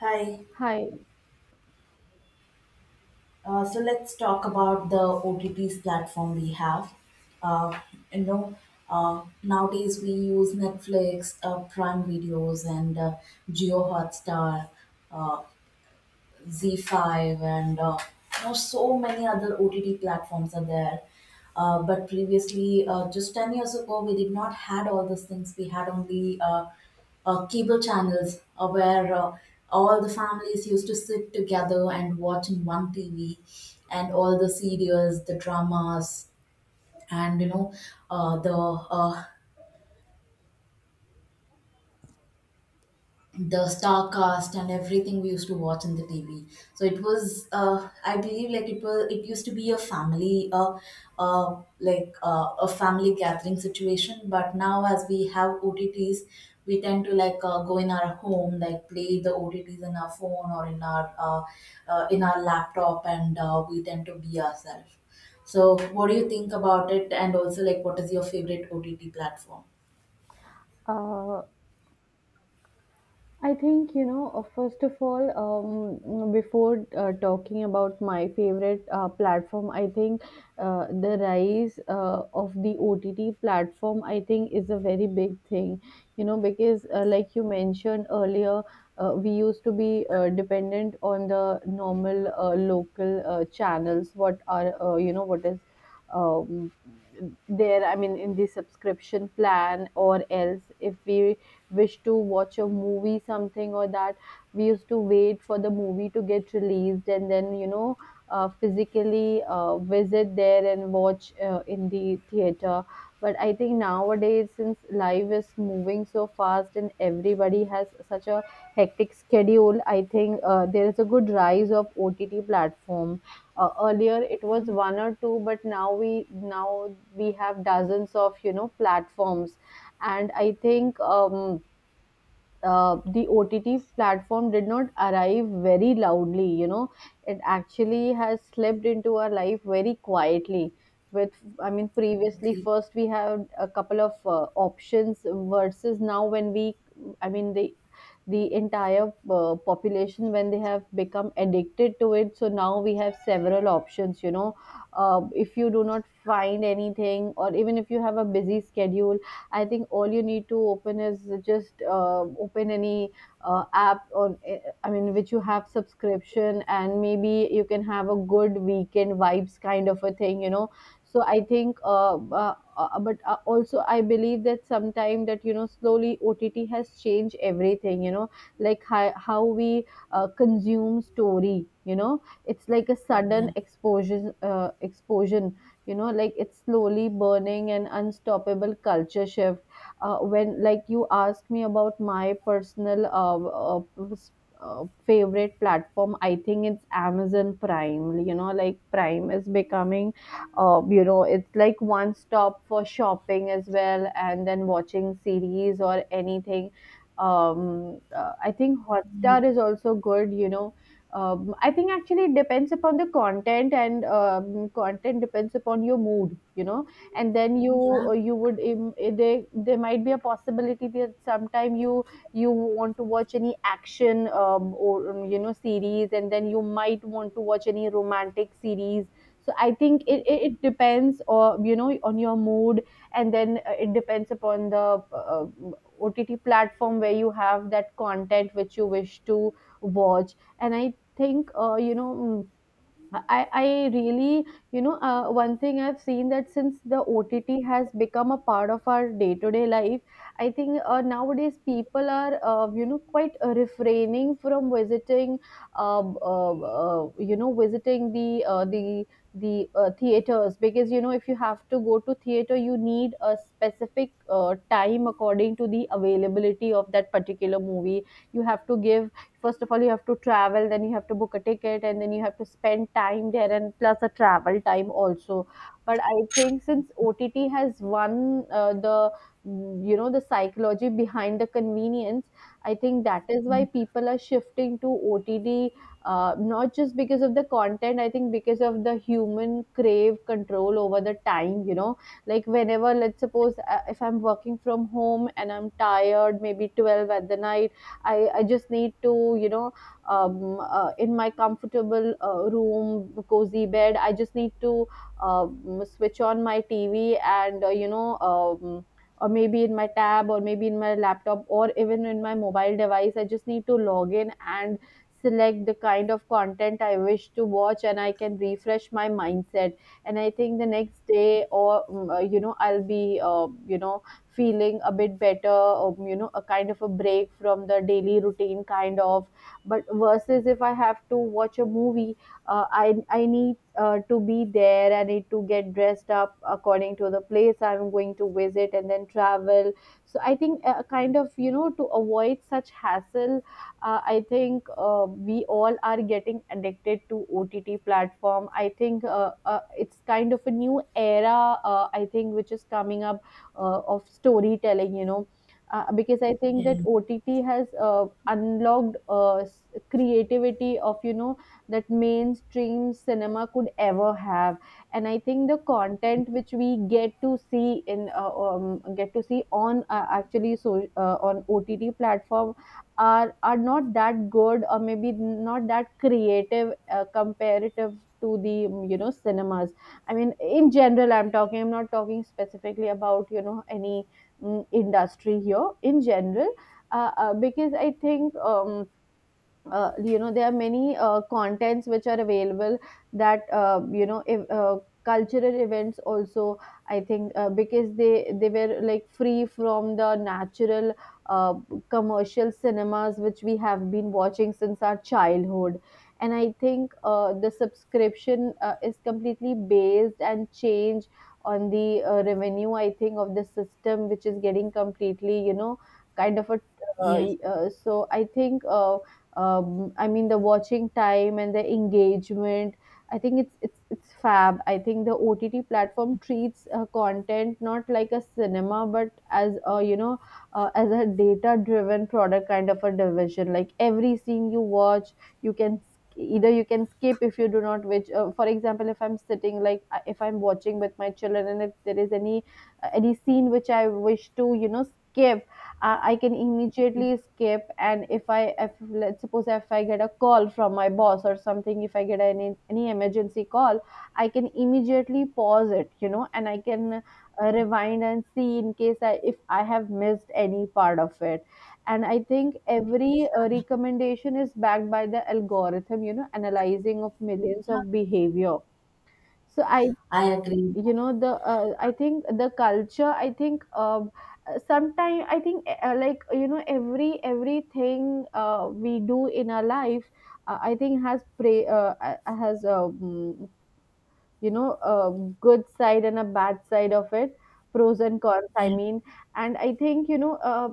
Hi. Hi. So let's talk about the OTTs platform we have. Uh, you know, Nowadays we use Netflix, Prime Videos, and Geo Hotstar. Uh, Z5 and so many other OTT platforms are there. But previously, just 10 years ago, we did not had all these things. We had only cable channels where all the families used to sit together and watch in one TV, and all the serials, the dramas, and uh, the uh, the star cast and everything we used to watch in the TV. So it was, I believe, like it was, it used to be a family, like a family gathering situation. But now, as we have OTTs, we tend to go in our home, like play the OTTs in our phone or in our laptop, and we tend to be ourselves. So, what do you think about it? And also, like, what is your favorite OTT platform? Uh, I think, first of all, before talking about my favorite platform, I think the rise of the OTT platform, I think, is a very big thing, you know, because like you mentioned earlier, we used to be dependent on the normal local channels, what are, what is um, there, I mean, in the subscription plan, or else if we wish to watch a movie something or that we used to wait for the movie to get released, and then physically visit there and watch in the theater. But I think nowadays, since life is moving so fast and everybody has such a hectic schedule, I think there is a good rise of OTT platform. Earlier it was one or two, but now we have dozens of, you know, platforms. And I think the OTT platform did not arrive very loudly, you know, it actually has slipped into our life very quietly. With, I mean, previously, Okay. first we had a couple of options versus now when we, I mean, the entire population, when they have become addicted to it, so now we have several options, you know. If you do not find anything, or even if you have a busy schedule, I think all you need to open is just open any app on, I mean, which you have subscription, and maybe you can have a good weekend vibes kind of a thing, you know. So I think but also I believe that sometime that, you know, slowly OTT has changed everything, you know, like how we consume story, you know. It's like a Yeah. sudden exposure explosion, you know, like it's slowly burning an unstoppable culture shift. When like you ask me about my personal favorite platform, I think it's Amazon Prime, you know. Like Prime is becoming you know, it's like one stop for shopping as well, and then watching series or anything. I think Hotstar is also good, you know. I think actually it depends upon the content, and content depends upon your mood, you know. And then you Yeah. You would im- they there might be a possibility that sometime you you want to watch any action, or you know, series, and then you might want to watch any romantic series. So I think it depends, or you know, on your mood. And then it depends upon the OTT platform where you have that content which you wish to watch. And I think you know, I really, you know, one thing I've seen, that since the OTT has become a part of our day-to-day life, I think nowadays people are, quite refraining from visiting visiting the theaters. Because, you know, if you have to go to theater, you need a specific time according to the availability of that particular movie. You have to give, first of all, you have to travel, then you have to book a ticket, and then you have to spend time there, and plus a travel time also. But I think since OTT has won you know, the psychology behind the convenience, I think that is why people are shifting to OTT, not just because of the content. I think because of the human crave control over the time, you know. Like whenever, let's suppose, if I'm working from home and I'm tired, maybe 12 at the night, I just need to, you know, in my comfortable room, cozy bed, I just need to switch on my TV, and, or maybe in my tab, or maybe in my laptop, or even in my mobile device, I just need to log in and select the kind of content I wish to watch, and I can refresh my mindset. And I think the next day, or, you know, I'll be, you know, feeling a bit better, you know, a kind of a break from the daily routine, kind of. But versus if I have to watch a movie, I need to be there. I need to get dressed up according to the place I'm going to visit, and then travel. So I think a kind of, you know, to avoid such hassle, I think we all are getting addicted to OTT platform. I think it's kind of a new era. I think which is coming up of storytelling, you know. Because I think that Yeah. OTT has unlocked creativity of, you know, that mainstream cinema could ever have. And I think the content which we get to see in get to see on actually so on OTT platform are not that good, or maybe not that creative comparative to the, you know, cinemas. I mean, in general, I'm talking, I'm not talking specifically about, you know, any industry here. In general, because I think you know, there are many contents which are available. That you know, if, cultural events also. I think because they were like free from the natural uh, commercial cinemas which we have been watching since our childhood. And I think the subscription is completely based and changed on the revenue, I think, of the system which is getting completely, you know, kind of a Yeah. So I think I mean the watching time and the engagement. I think it's fab. I think the OTT platform treats content not like a cinema, but as a, you know, as a data-driven product kind of a division. Like every scene you watch, you can sk- either you can skip if you do not which for example, if I'm sitting like if I'm watching with my children, and if there is any scene which I wish to, you know, skip, I can immediately skip. And if I if let's suppose if I get a call from my boss or something, if I get any emergency call, I can immediately pause it, you know. And I can rewind and see, in case I if I have missed any part of it. And I think every recommendation is backed by the algorithm, you know, analyzing of millions of behavior. So I, I agree. you know, the I think the culture, I think sometime I think like you know, everything we do in our life, I think has has you know, a good side and a bad side of it, pros and cons, I Yeah, mean. And I think, you know,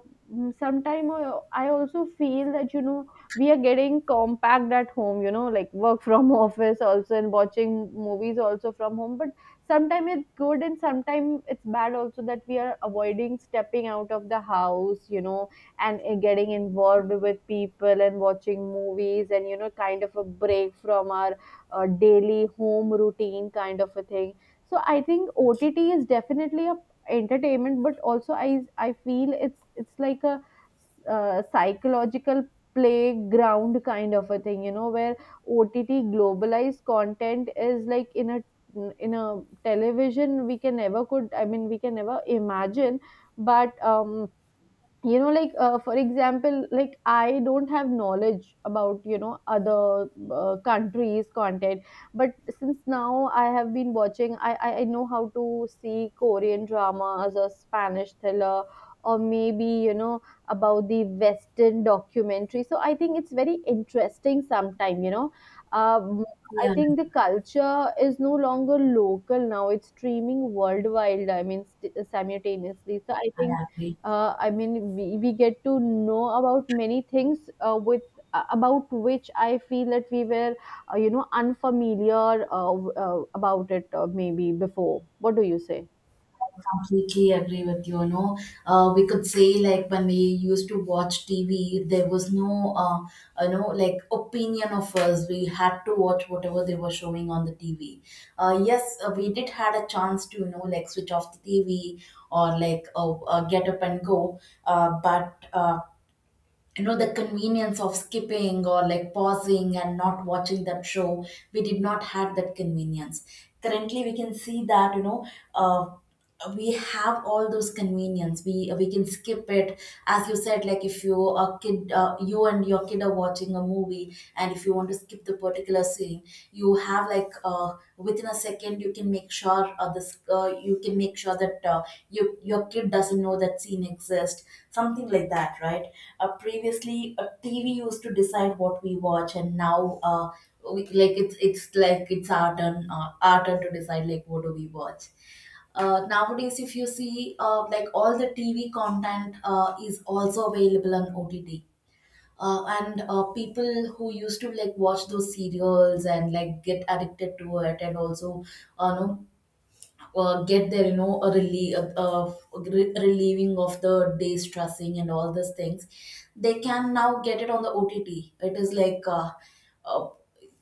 sometimes I also feel that, you know, we are getting compact at home, you know, like work from office also, and watching movies also from home. But sometimes it's good, and sometimes it's bad also, that we are avoiding stepping out of the house, you know, and getting involved with people, and watching movies, and you know, kind of a break from our daily home routine kind of a thing. So I think OTT is definitely a entertainment, but also I feel it's like a psychological playground kind of a thing, you know, where OTT globalized content is like in a television we can never could I mean we can never imagine. But you know, like for example, like I don't have knowledge about, you know, other countries content. But since now I have been watching, I know how to see Korean dramas, or Spanish thriller, or maybe, you know, about the Western documentary. So I think it's very interesting sometime, you know. um, I yeah, think the culture is no longer local, now it's streaming worldwide, I mean, simultaneously. So I think I agree. I mean, we get to know about many things with about which I feel that we were you know, unfamiliar about it, maybe before, what do you say. Completely agree with you. No, we could say like when we used to watch TV, there was no, like opinion of us. We had to watch whatever they were showing on the TV. Yes, we did had a chance to, like switch off the TV, or like get up and go. But you know the convenience of skipping or like pausing and not watching that show, we did not have that convenience. Currently we can see that, you know, uh, we have all those convenience. We can skip it. As you said, like if you a kid, you and your kid are watching a movie, and if you want to skip the particular scene, you have within a second you can make sure this you can make sure that you, your kid doesn't know that scene exists, something like that, right? Previously, TV used to decide what we watch, and now like it's like it's our turn, our turn to decide like what do we watch. Nowadays if you see, like all the TV content is also available on OTT. And people who used to like watch those serials and like get addicted to it, and also know, get their you know a relie- re- relieving of the day stressing and all these things, they can now get it on the OTT. It is like uh,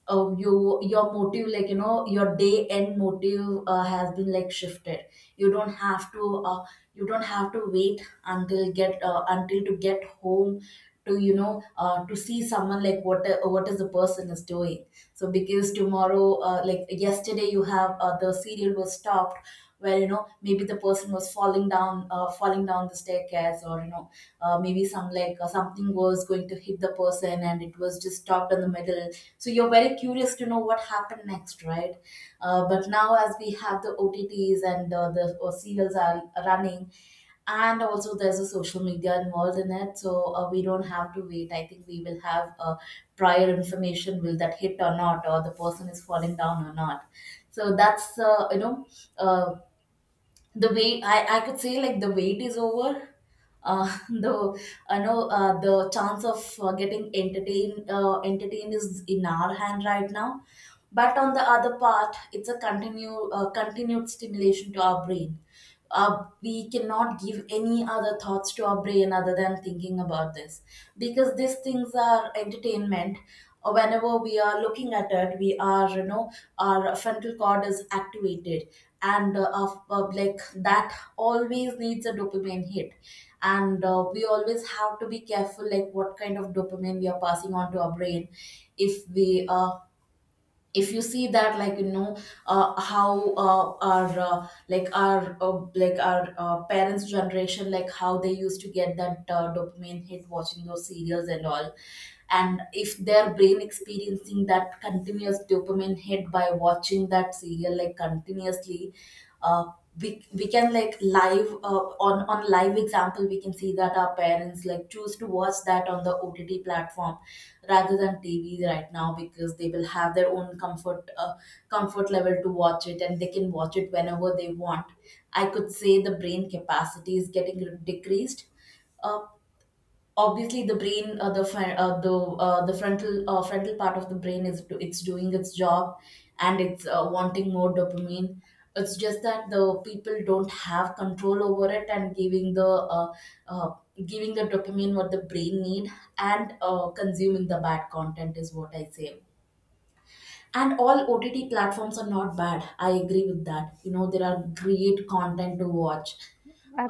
you, your motive, like you know your day end motive has been like shifted. You don't have to you don't have to wait until get until to get home to to see someone, like what is the person is doing. So because tomorrow, like yesterday, you have the serial was stopped where, you know, maybe the person was falling down, falling down the staircase, or you know, maybe some, like something was going to hit the person and it was just stopped in the middle, so you're very curious to know what happened next, right? But now as we have the OTTs, and the serials are running, and also there's a social media involved in it, so we don't have to wait. I think we will have prior information, will that hit or not, or the person is falling down or not. So that's, you know, uh, the weight I could say like the wait is over. Uh the I know the chance of getting entertained is in our hand right now. But on the other part, it's a continued stimulation to our brain. We cannot give any other thoughts to our brain other than thinking about this, because these things are entertainment. Whenever we are looking at it, we are, you know, our frontal cord is activated, and of, like that always needs a dopamine hit. And we always have to be careful like what kind of dopamine we are passing on to our brain. If we uh, if you see that, like you know, how our like our like our parents generation, like how they used to get that dopamine hit watching those serials and all, and if their brain experiencing that continuous dopamine hit by watching that serial like continuously, uh, we can like live on live example, we can see that our parents like choose to watch that on the OTT platform rather than TV right now, because they will have their own comfort level to watch it, and they can watch it whenever they want. I could say the brain capacity is getting decreased. uh, Obviously the brain, the fr- the frontal frontal part of the brain is it's doing its job, and it's wanting more dopamine. It's just that the people don't have control over it, and uh, giving the dopamine what the brain need, and consuming the bad content is what I say. And all OTT platforms are not bad. I agree with that. You know, there are great content to watch,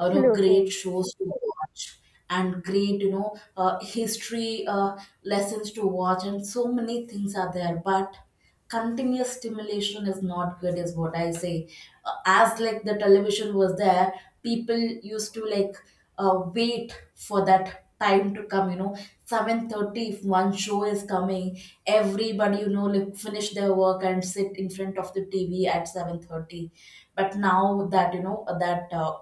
you know, great shows to watch, and great, you know, history lessons to watch, and so many things are there. But continuous stimulation is not good, is what I say. As like the television was there, people used to like wait for that time to come, you know, 7:30 if one show is coming, everybody, you know, like finish their work and sit in front of the TV at 7:30. But now that, you know, that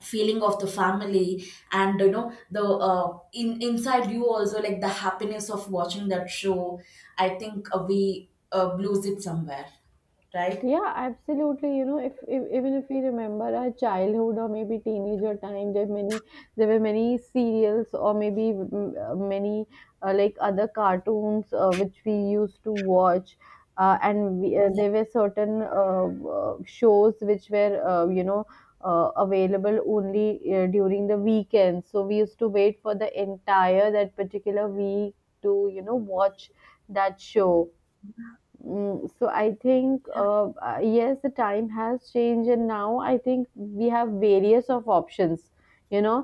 feeling of the family, and you know the in inside you also, like the happiness of watching that show, I think we lose it somewhere, right? Yeah, absolutely. You know, if even if we remember our childhood, or maybe teenager time, there were many serials, or maybe many like other cartoons which we used to watch, and Yeah, there were certain shows which were available only during the weekends. So we used to wait for the entire that particular week to watch that show. So I think yes, the time has changed, and now I think we have various of options. You know,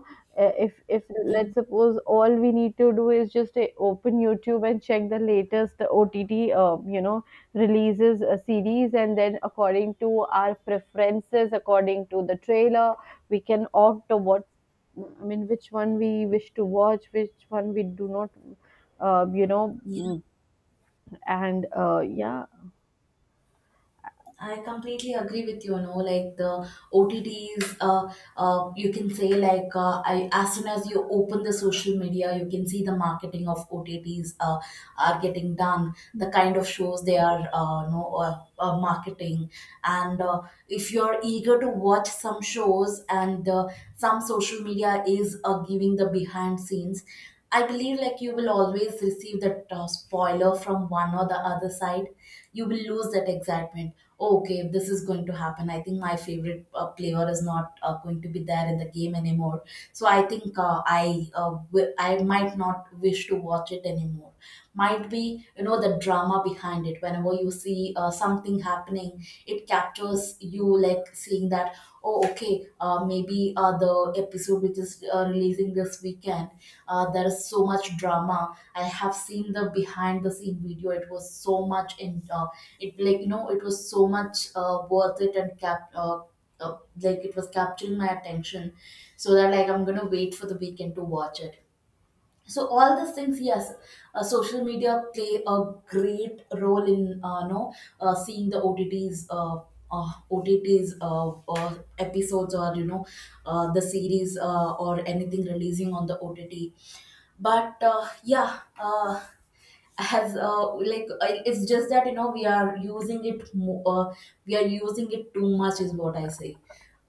If yeah, Let's suppose all we need to do is just open YouTube and check the latest OTT, uh, you know, releases a series, and then according to our preferences, according to the trailer, we can opt to which one we wish to watch, which one we do not. You know, yeah. mm, and yeah I completely agree with you. No, like the OTTs, you can say like, as soon as you open the social media, you can see the marketing of OTTs are getting done. The kind of shows they are, marketing, and if you're eager to watch some shows, and some social media is giving the behind scenes, I believe like you will always receive that spoiler from one or the other side. You will lose that excitement. "Oh, okay, this is going to happen. I think my favorite player is not going to be there in the game anymore, so I think I might not wish to watch it anymore. Might be, you know, the drama behind it. Whenever you see something happening, it captures you, like seeing that, oh okay, maybe the episode which is releasing this weekend, there is so much drama. I have seen the behind the scene video. It was so much in it like, you know, it was so much worth it, and cap like it was capturing my attention, so that like I'm gonna wait for the weekend to watch it. So all these things, yes, social media play a great role in, you know, seeing the OTTs or episodes, or you know, the series or anything releasing on the OTT. But yeah, as like it's just that, you know, we are using it we are using it too much is what I say.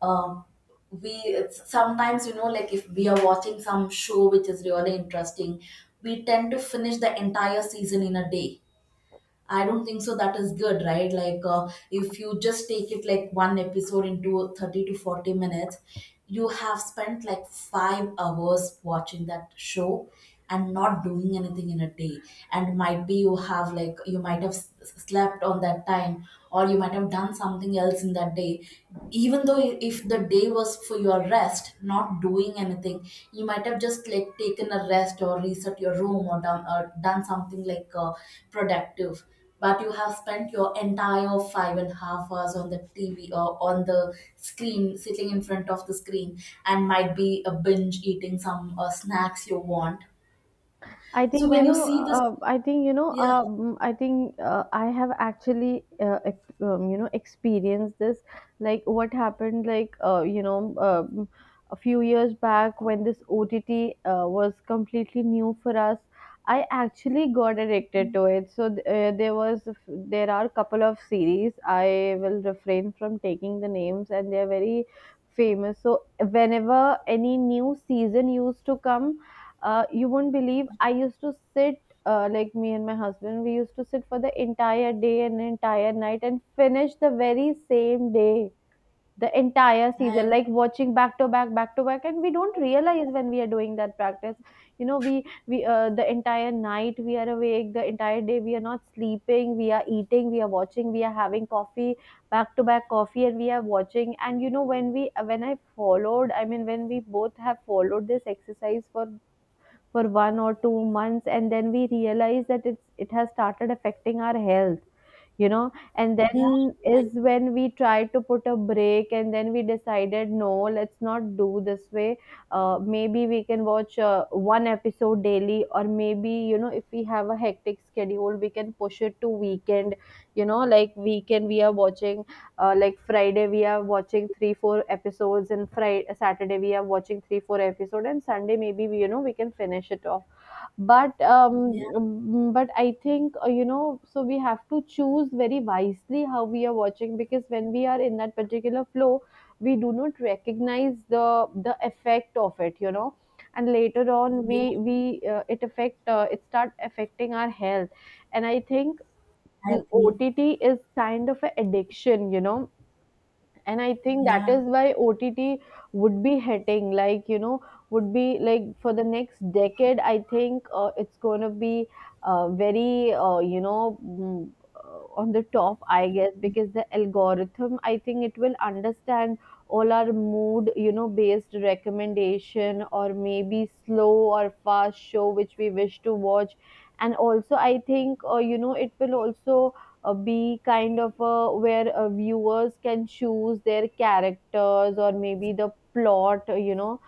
Um, sometimes, you know, like if we are watching some show which is really interesting, we tend to finish the entire season in a day. I don't think so that is good, right? Like, if you just take it like one episode into 30 to 40 minutes, you have spent like 5 hours watching that show and not doing anything in a day. And might be you have like, you might have slept on that time, or you might have done something else in that day, even though if the day was for your rest, not doing anything, you might have just like taken a rest or reset your room, or done something productive. But you have spent your entire five and a half hours on the TV, or on the screen, sitting in front of the screen, and might be a binge eating some snacks you want. I think So you when you know. see this, I think you know. yeah. I think I have actually, experienced this. Like what happened, like you know, A few years back when this OTT was completely new for us. I actually got addicted to it. So there are a couple of series. I will refrain from taking the names, and they are very famous. So whenever any new season used to come, you won't believe, I used to sit like me and my husband. We used to sit for the entire day and entire night and finish the very same day the entire I season, agree. like watching back to back, back to back. And we don't realize when we are doing that practice. You know, we the entire night we are awake, the entire day we are not sleeping. We are eating, we are watching, we are having coffee, back to back coffee, and we are watching. And you know, when I followed, I mean, when we both have followed this exercise for 1 or 2 months, and then we realize that it has started affecting our health, you know, and Yeah. then I, is when we tried to put a break, and then we decided no, let's not do this way. Maybe we can watch one episode daily, or maybe, you know, if we have a hectic schedule, we can push it to weekend. You know, like weekend we are watching, like friday we are watching 3-4 episodes, and friday saturday we are watching 3-4 episode, and sunday maybe we, you know, we can finish it off. but um yeah, mm, but I think, you know, so we have to choose very wisely how we are watching, because when we are in that particular flow, we do not recognize the effect of it, you know, and later on yeah, we it affect it start affecting our health. And I think, I OTT agree. is kind of an addiction, you know. And I think that Yeah, is why OTT would be hitting, like, you know, would be like for the next decade. I think it's going to be very, on the top, I guess, because the algorithm, I think it will understand all our mood, you know, based recommendation, or maybe slow or fast show which we wish to watch. And also I think, it will also be kind of a where viewers can choose their characters, or maybe the plot,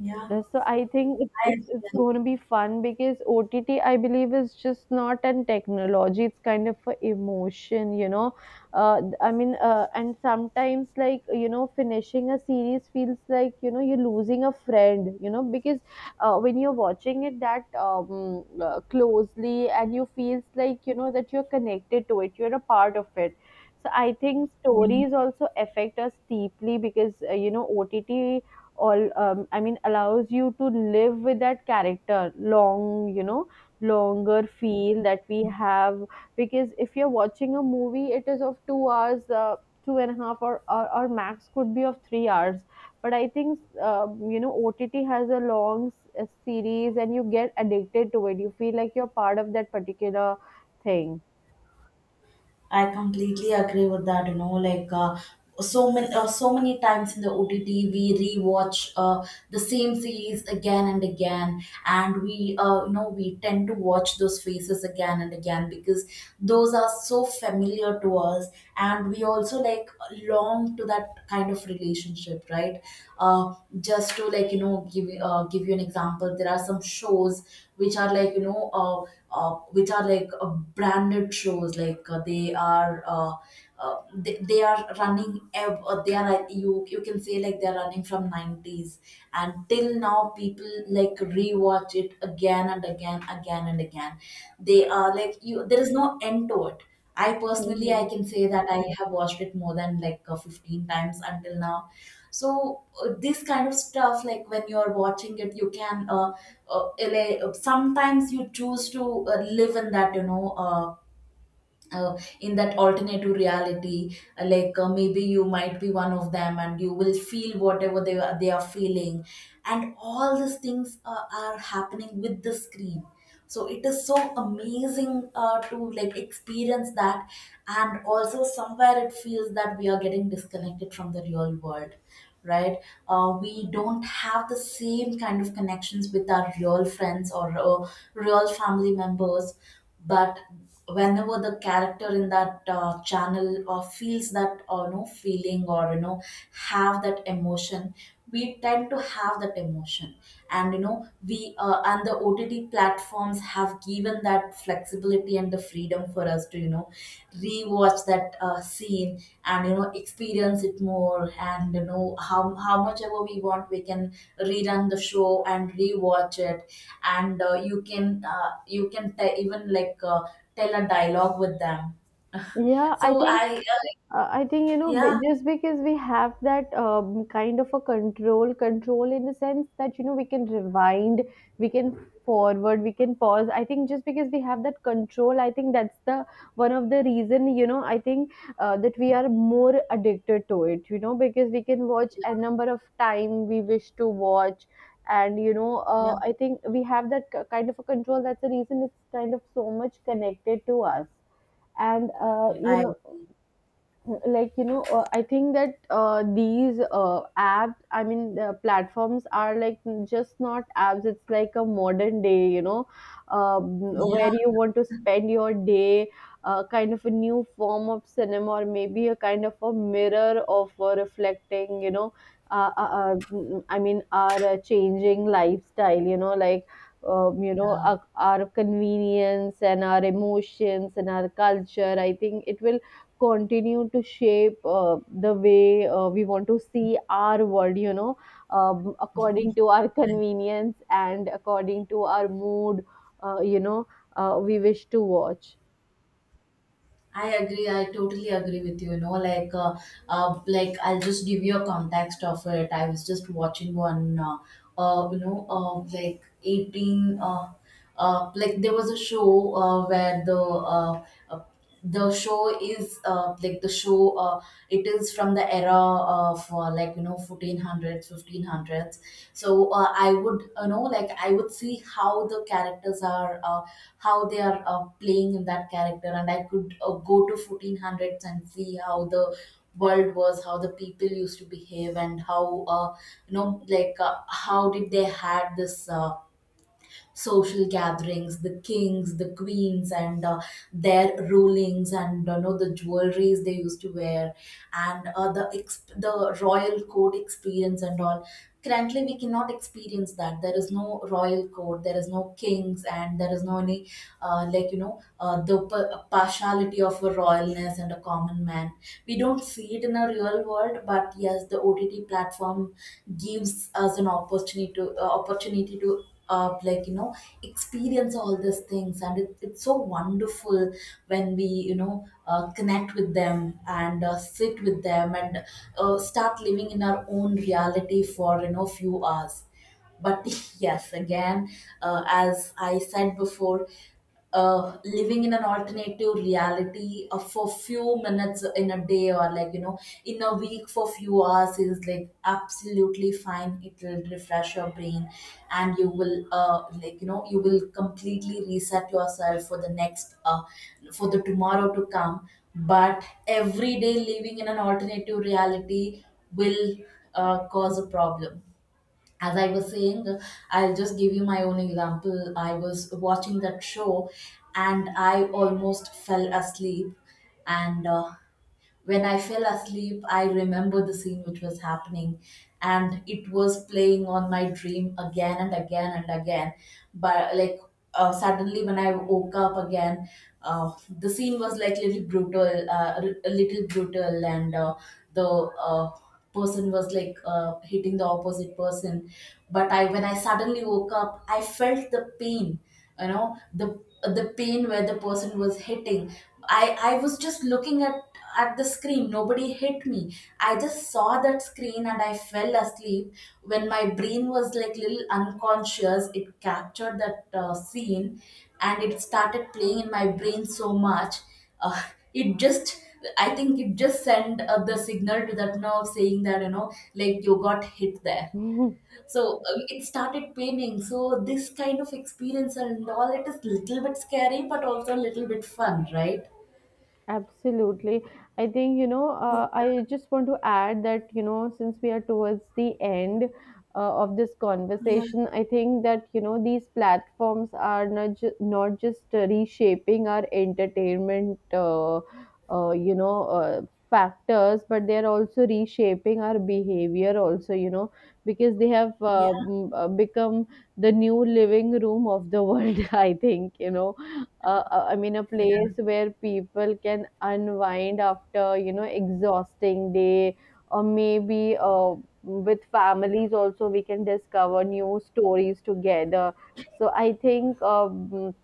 yeah, so I think it's I it's it's agree. going to be fun, because OTT believe, is just not an technology. It's kind of a emotion, you know. And sometimes, like, you know, finishing a series feels like, you know, you're losing a friend, you know, because when you're watching it that closely, and you feels like, you know, that you're connected to it, you're a part of it. So I think Yeah. stories also affect us deeply, because, you know, OTT all I mean allows you to live with that character long, you know, longer feel that we have, because if you're watching a movie, it is of 2 hours, two and a half, or or max could be of 3 hours. But I think, you know, OTT has a a series, and you get addicted to it, you feel like you're part of that particular thing. I completely agree with that. Like so many times in the OTT, we rewatch the same series again and again, and we we tend to watch those faces again and again because those are so familiar to us, and we also like long to that kind of relationship, right? Uh, uh, just to, like, give give you an example. There are some shows which are like uh, which are like branded shows, like they are uh, they are running they are, like, you can say, like, they are running from 90s, and till now people like rewatch it again and again, again and again. They are, like, you, there is no end to it. I personally i Mhm. can say that I have watched it more than, like, 15 times until now. So this kind of stuff, like, when you're watching it, you can sometimes you choose to live in that, in that alternative reality, like, maybe you might be one of them and you will feel whatever they are feeling, and all these things are happening with the screen. So it is so amazing, to, like, experience that. And also somewhere it feels that we are getting disconnected from the real world, right? We don't have the same kind of connections with our real friends or real family members. But whenever the character in that channel feels that, no feeling, or, you know, have that emotion, we tend to have that emotion. And you know we uh, and the OTT platforms have given that flexibility and the freedom for us to, rewatch that scene, and, experience it more. And, how much ever we want, we can rerun the show and rewatch it. And you can even, like, tell a dialogue with them. Yeah, I So think, I, I think, you know, yeah, just because we have that kind of a control in the sense that, you know, we can rewind, we can forward, we can pause. I think just because we have that control, I think that's the one of the reason, you know. I think that we are more addicted to it. You know, because we can watch a number of time we wish to watch, and you know, yeah. I think we have that kind of a control. That's the reason it's kind of so much connected to us. And Yeah. you I, know like you know I think that these app I mean the platforms are like just not apps, it's like a modern day, you know, um, where yeah, you want to spend your day, kind of a new form of cinema, or maybe a kind of a mirror of reflecting, you know, I mean our changing lifestyle, you know, like, yeah. Our convenience and our emotions and our culture. I think it will continue to shape the way we want to see our world, you know, according to our I convenience and according to our mood, uh, you know we wish to watch. I agree. I totally agree with you. You know, like I'll just give you a context of it. I was just watching one, like 18, like there was a show where uh, uh, the show, it is from the era of, like, 1400s, 1500s. So I would, like, I would see how the characters are how they are playing in that character, and I could go to 1400s and see how the world was, how the people used to behave, and how like, how did they had this social gatherings, the kings, the queens, and their rulings, and, you know, the jewelries they used to wear, and the royal court experience and all. Currently, we cannot experience that. There is no royal court, there is no kings, and there is no any like, partiality of a royalness and a common man. We don't see it in a real world, but yes, the OTT platform gives us an opportunity to, opportunity to like, experience all these things, and it's so wonderful when we, connect with them, and sit with them, and start living in our own reality for, few hours. But yes, again, as I said before, living in an alternative reality for few minutes in a day, or, like, in a week for few hours, is, like, absolutely fine. It will refresh your brain, and you will, like, you will completely reset yourself for the next, for the tomorrow to come. But every day living in an alternative reality will cause a problem. As I was saying, I'll just give you my own example. I was watching that show and I almost fell asleep. And when I fell asleep, I remember the scene which was happening, and it was playing on my dream again and again and again. But, like, suddenly when I woke up again, uh, the scene was, like, little brutal, a little brutal, and the person was, like, hitting the opposite person. But I, when I suddenly woke up, I felt the pain, you know, the pain where the person was hitting. I was just looking at the screen. Nobody hit me. I just saw that screen and I fell asleep. When my brain was, like, little unconscious, it captured that scene, and it started playing in my brain so much. Uh, it just I think it just sent, the signal to that nerve, saying that, you know, like, you got hit there. So it started paining. So this kind of experience and all, it is little bit scary, but also a little bit fun, right? Absolutely. I think, you know, Yeah. I just want to add that, you know, since we are towards the end of this conversation, I think that, you know, these platforms are not, not just reshaping our entertainment, uh, you know, uh, factors, but they are also reshaping our behavior also, you know, because they have Yeah. Become the new living room of the world. I think, you know, I mean a place where people can unwind after, you know, exhausting day, or maybe with families also we can discover new stories together. So I think, um,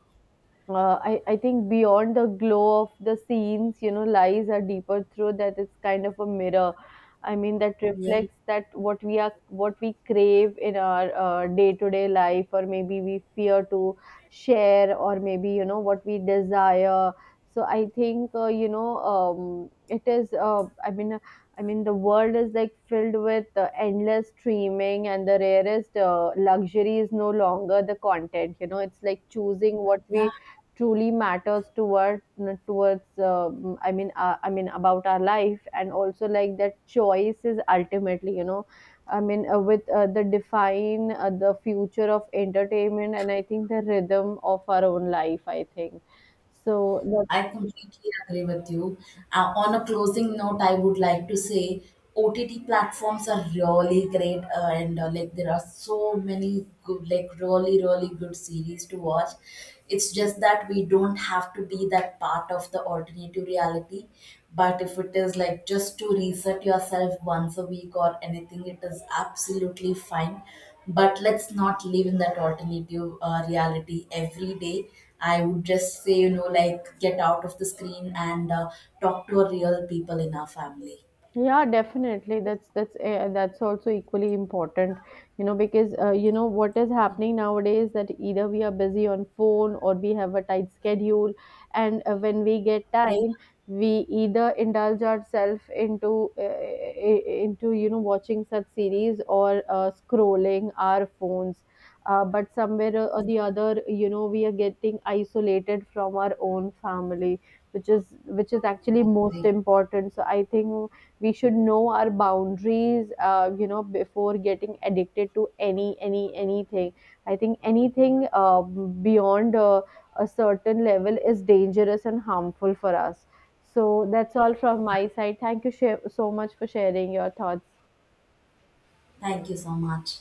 uh, I think beyond the glow of the scenes, you know, lies a deeper through that it's kind of a mirror. I mean, that Yeah. reflects that what we are, what we crave in our day to day life, or maybe we fear to share, or maybe, you know, what we desire. So I think, it is, I mean, the world is like filled with endless streaming, and the rarest luxury is no longer the content. You know, it's like choosing what we truly matters toward towards, I mean, about our life, and also like that choice is ultimately, you know, I mean with the define the future of entertainment, and I think the rhythm of our own life, I think, so I that's. completely agree with you. On a closing note, I would like to say OTT platforms are really great, and like, there are so many good, like, really, really good series to watch. It's just that we don't have to be that part of the alternative reality. But if it is, like, just to reset yourself once a week or anything, it is absolutely fine. But let's not live in that alternative reality every day. I would just say, you know, like, get out of the screen, and talk to a real people in our family. Yeah, definitely. That's also equally important, you know, because, you know, what is happening nowadays, that either we are busy on phone or we have a tight schedule, and when we get Yeah. time, we either indulge ourselves into you know, watching such series, or scrolling our phones. But somewhere or the other, you know, we are getting isolated from our own family, which is actually most Great. important. So I think we should know our boundaries, you know, before getting addicted to anything. I think anything beyond a certain level is dangerous and harmful for us. So that's all from my side. Thank you so much for sharing your thoughts. Thank you so much.